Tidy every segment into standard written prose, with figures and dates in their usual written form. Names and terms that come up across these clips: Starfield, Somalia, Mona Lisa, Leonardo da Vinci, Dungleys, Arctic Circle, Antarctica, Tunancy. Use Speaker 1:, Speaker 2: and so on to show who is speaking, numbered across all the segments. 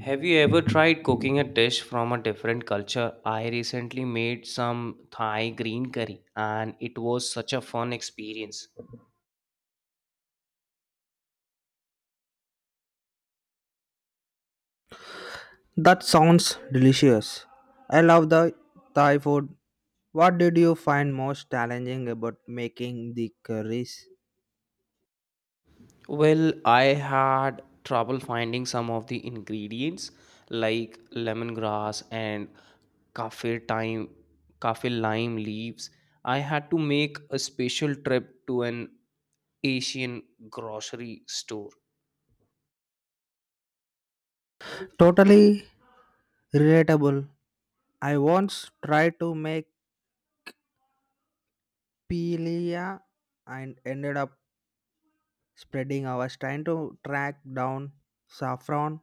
Speaker 1: Have you ever tried cooking a dish from a different culture? I recently made some Thai green curry and it was such a fun experience.
Speaker 2: That sounds delicious. I love the Thai food. What did you find most challenging about making the curries?
Speaker 1: Well, I had trouble finding some of the ingredients like lemongrass and kaffir thyme, kaffir lime leaves. I had to make a special trip to an Asian grocery store.
Speaker 2: Totally relatable. I once tried to make pilia and ended up spreading hours trying to track down saffron.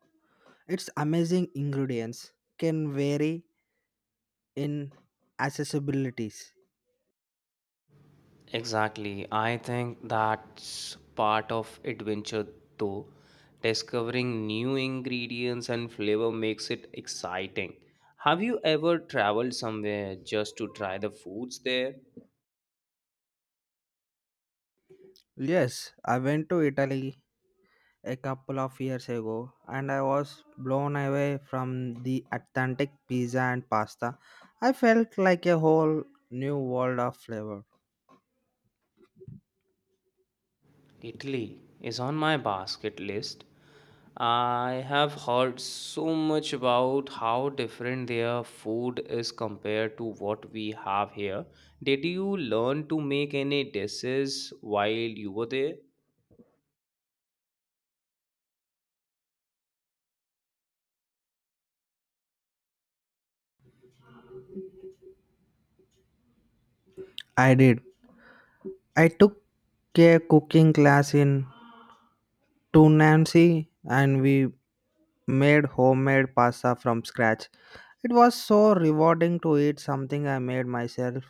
Speaker 2: Its amazing ingredients can vary in accessibilities.
Speaker 1: Exactly. I think that's part of adventure though. Discovering new ingredients and flavor makes it exciting. Have you ever traveled somewhere just to try the foods there?
Speaker 2: Yes, I went to Italy a couple of years ago and I was blown away from the authentic pizza and pasta. I felt like a whole new world of flavor.
Speaker 1: Italy is on my basket list. I have heard so much about how different their food is compared to what we have here. Did you learn to make any dishes while you were there?
Speaker 2: I did. I took a cooking class in Tunancy and we made homemade pasta from scratch. It was so rewarding to eat something I made myself.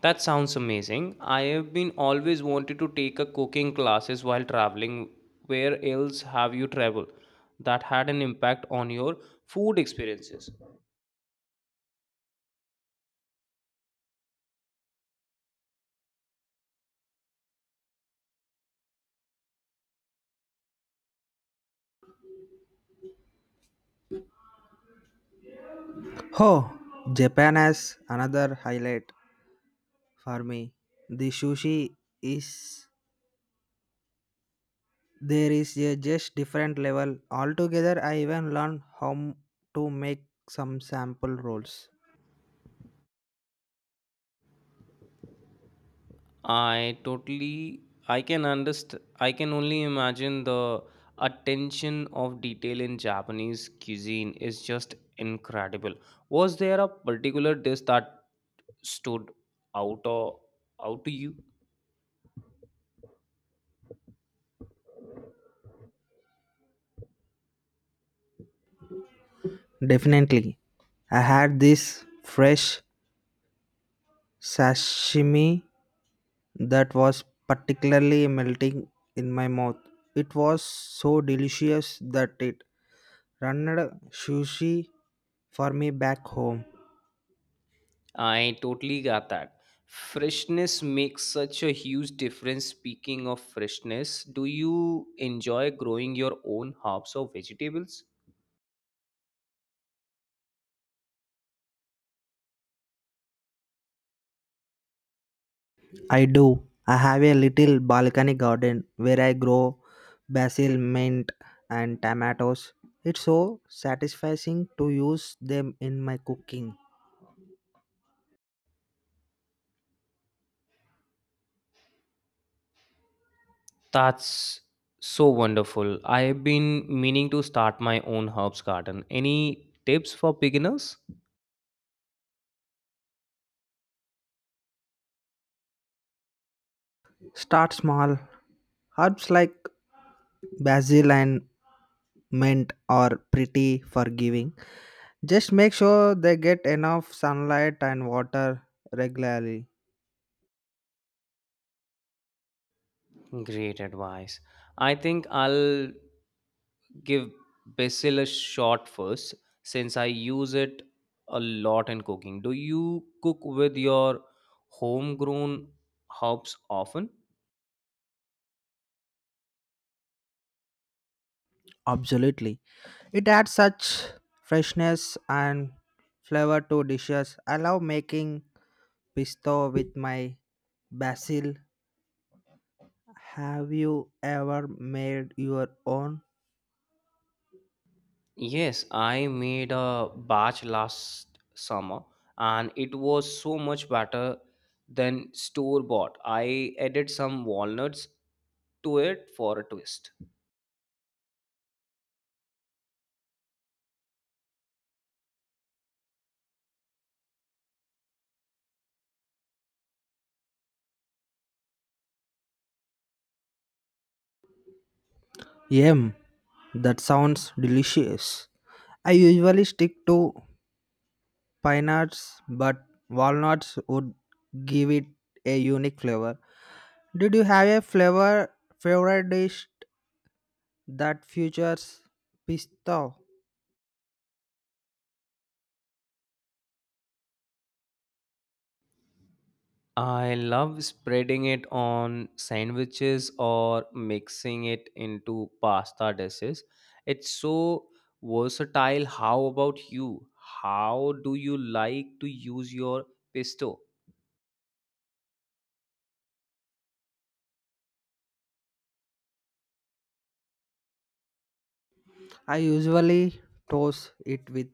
Speaker 1: That sounds amazing. I have been always wanted to take a cooking classes while traveling. Where else have you traveled that had an impact on your food experiences?
Speaker 2: Oh, Japan has another highlight for me. The sushi is there is a just different level altogether. I even learned to make some sample rolls.
Speaker 1: I totally I can understand, I can only imagine the attention of detail in Japanese cuisine is just incredible. Was there a particular dish that stood out or out to you?
Speaker 2: Definitely, I had this fresh sashimi that was particularly melting in my mouth. It was so delicious that it ran sushi for me back home.
Speaker 1: I totally got that. Freshness makes such a huge difference. Speaking of freshness, do you enjoy growing your own herbs or vegetables?
Speaker 2: I do. I have a little balcony garden where I grow basil, mint, and tomatoes. It's so satisfying to use them in my cooking.
Speaker 1: That's so wonderful. I've been meaning to start my own herbs garden. Any tips for beginners?
Speaker 2: Start small. Herbs like basil and mint are pretty forgiving. Just make sure they get enough sunlight and water regularly.
Speaker 1: Great advice. I think I'll give basil a shot first since I use it a lot in cooking. Do you cook with your homegrown herbs often?
Speaker 2: Absolutely. It adds such freshness and flavor to dishes. I love making pesto with my basil. Have you ever made your own?
Speaker 1: Yes, I made a batch last summer and it was so much better than store bought. I added some walnuts to it for a twist.
Speaker 2: Yum, that sounds delicious. I usually stick to pine nuts, but walnuts would give it a unique flavor. Did you have a flavor favorite dish that features pesto?
Speaker 1: I love spreading it on sandwiches or mixing it into pasta dishes. It's so versatile. How about you? How do you like to use your pesto?
Speaker 2: I usually toast it with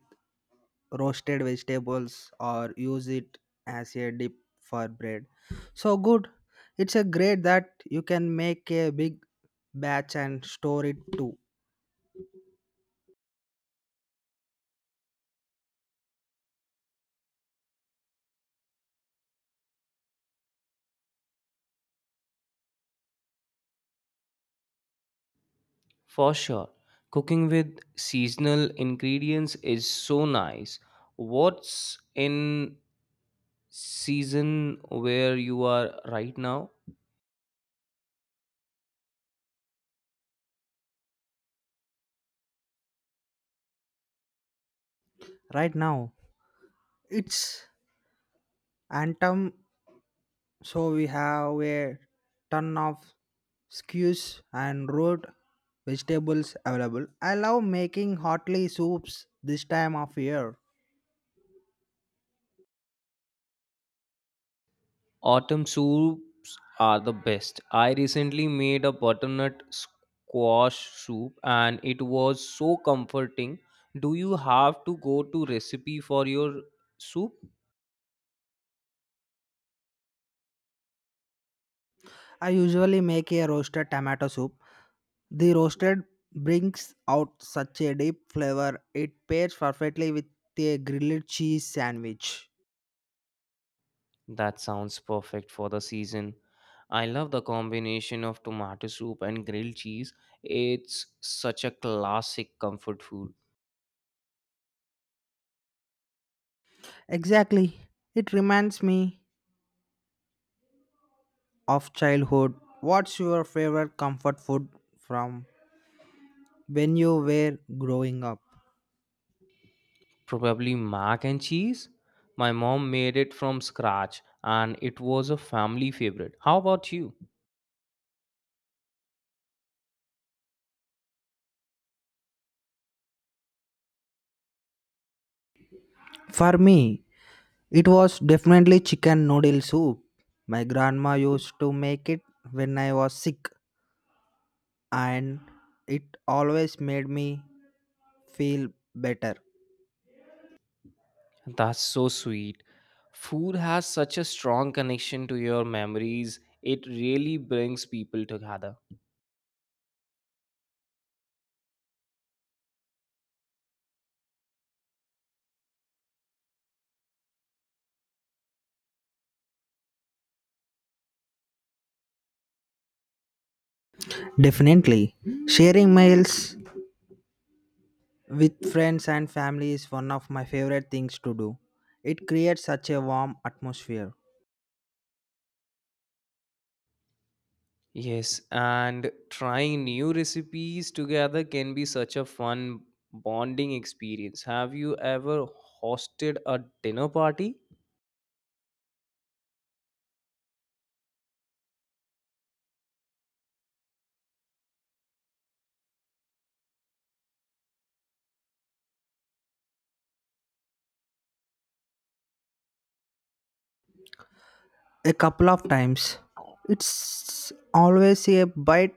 Speaker 2: roasted vegetables or use it as a dip for bread, so good. It's a great that you can make a big batch and store it too.
Speaker 1: For sure. Cooking with seasonal ingredients is so nice. What's in season where you are right now?
Speaker 2: Right now it's antum, so we have a ton of skews and root vegetables available. I love making hotly soups this time of year.
Speaker 1: Autumn soups are the best. I recently made a butternut squash soup and it was so comforting. Do you have to go to recipe for your soup?
Speaker 2: I usually make a roasted tomato soup. The roasted brings out such a deep flavor. It pairs perfectly with a grilled cheese sandwich.
Speaker 1: That sounds perfect for the season. I love the combination of tomato soup and grilled cheese. It's such a classic comfort food.
Speaker 2: Exactly. It reminds me of childhood. What's your favorite comfort food from when you were growing up?
Speaker 1: Probably mac and cheese. My mom made it from scratch and it was a family favorite. How about you?
Speaker 2: For me, it was definitely chicken noodle soup. My grandma used to make it when I was sick, and it always made me feel better.
Speaker 1: That's so sweet. Food has such a strong connection to your memories. It really brings people together.
Speaker 2: Definitely, sharing meals with friends and family is one of my favorite things to do. It creates such a warm atmosphere.
Speaker 1: Yes, and trying new recipes together can be such a fun bonding experience. Have you ever hosted a dinner party?
Speaker 2: A couple of times. It's always a bite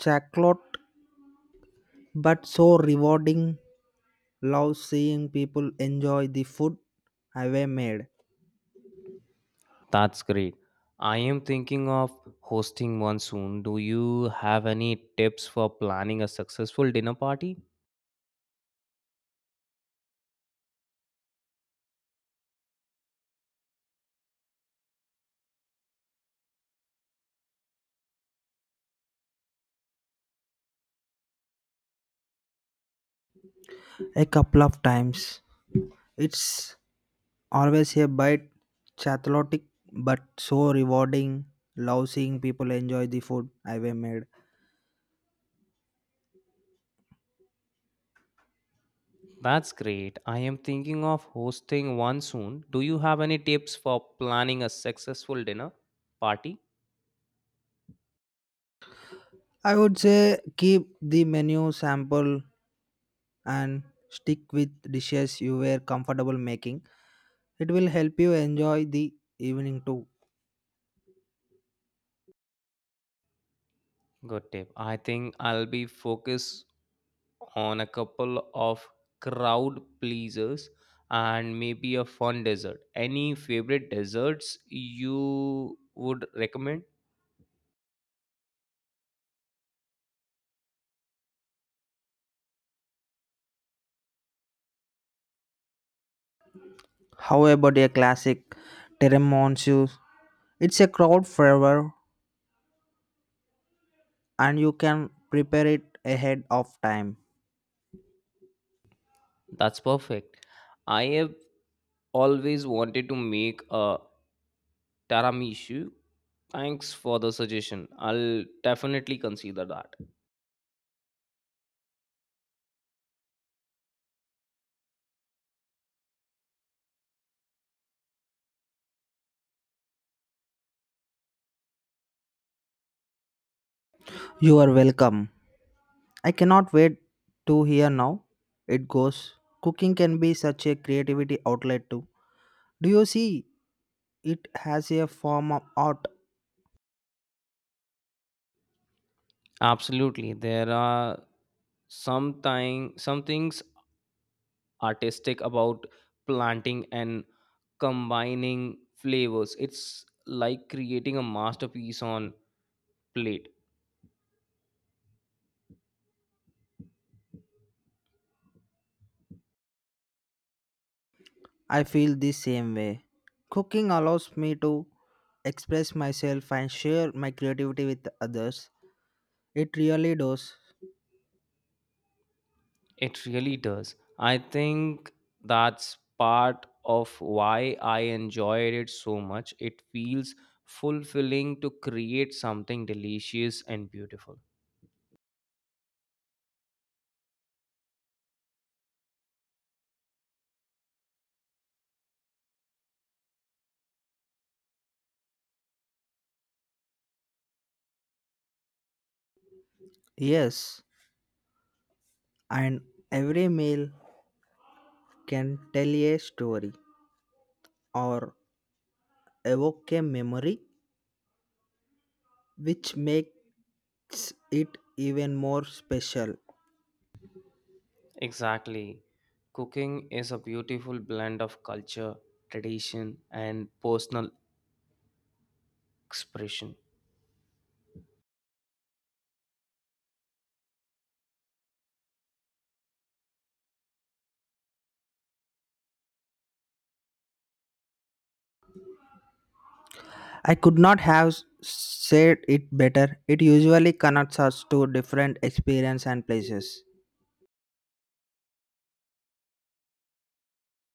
Speaker 2: chocolate but so rewarding. Love seeing people enjoy the food I've made.
Speaker 1: That's great. I am thinking of hosting one soon. Do you have any tips for planning a successful dinner party?
Speaker 2: A couple of times. It's always a bite chocolate but so rewarding. Love seeing people enjoy the food I've made.
Speaker 1: That's great. I am thinking of hosting one soon. Do you have any tips for planning a successful dinner party?
Speaker 2: I would say keep the menu sample and stick with dishes you were comfortable making. It will help you enjoy the evening too.
Speaker 1: Good tip. I think I'll be focused on a couple of crowd pleasers and maybe a fun dessert. Any favorite desserts you would recommend?
Speaker 2: How about a classic tiramisu? It's a crowd favor and you can prepare it ahead of time.
Speaker 1: That's perfect. I have always wanted to make a tiramisu. Thanks for the suggestion. I'll definitely consider that.
Speaker 2: You are welcome. I cannot wait to hear now it goes. Cooking can be such a creativity outlet too. Do you see it has a form of art?
Speaker 1: Absolutely. There are some things artistic about planting and combining flavors. It's like creating a masterpiece on plate.
Speaker 2: I feel the same way. Cooking allows me to express myself and share my creativity with others. It really does.
Speaker 1: It really does. I think that's part of why I enjoyed it so much. It feels fulfilling to create something delicious and beautiful.
Speaker 2: Yes, and every meal can tell a story or evoke a memory, which makes it even more special.
Speaker 1: Exactly. Cooking is a beautiful blend of culture, tradition, and personal expression.
Speaker 2: I could not have s- said it better. It usually connects us to different experience and places.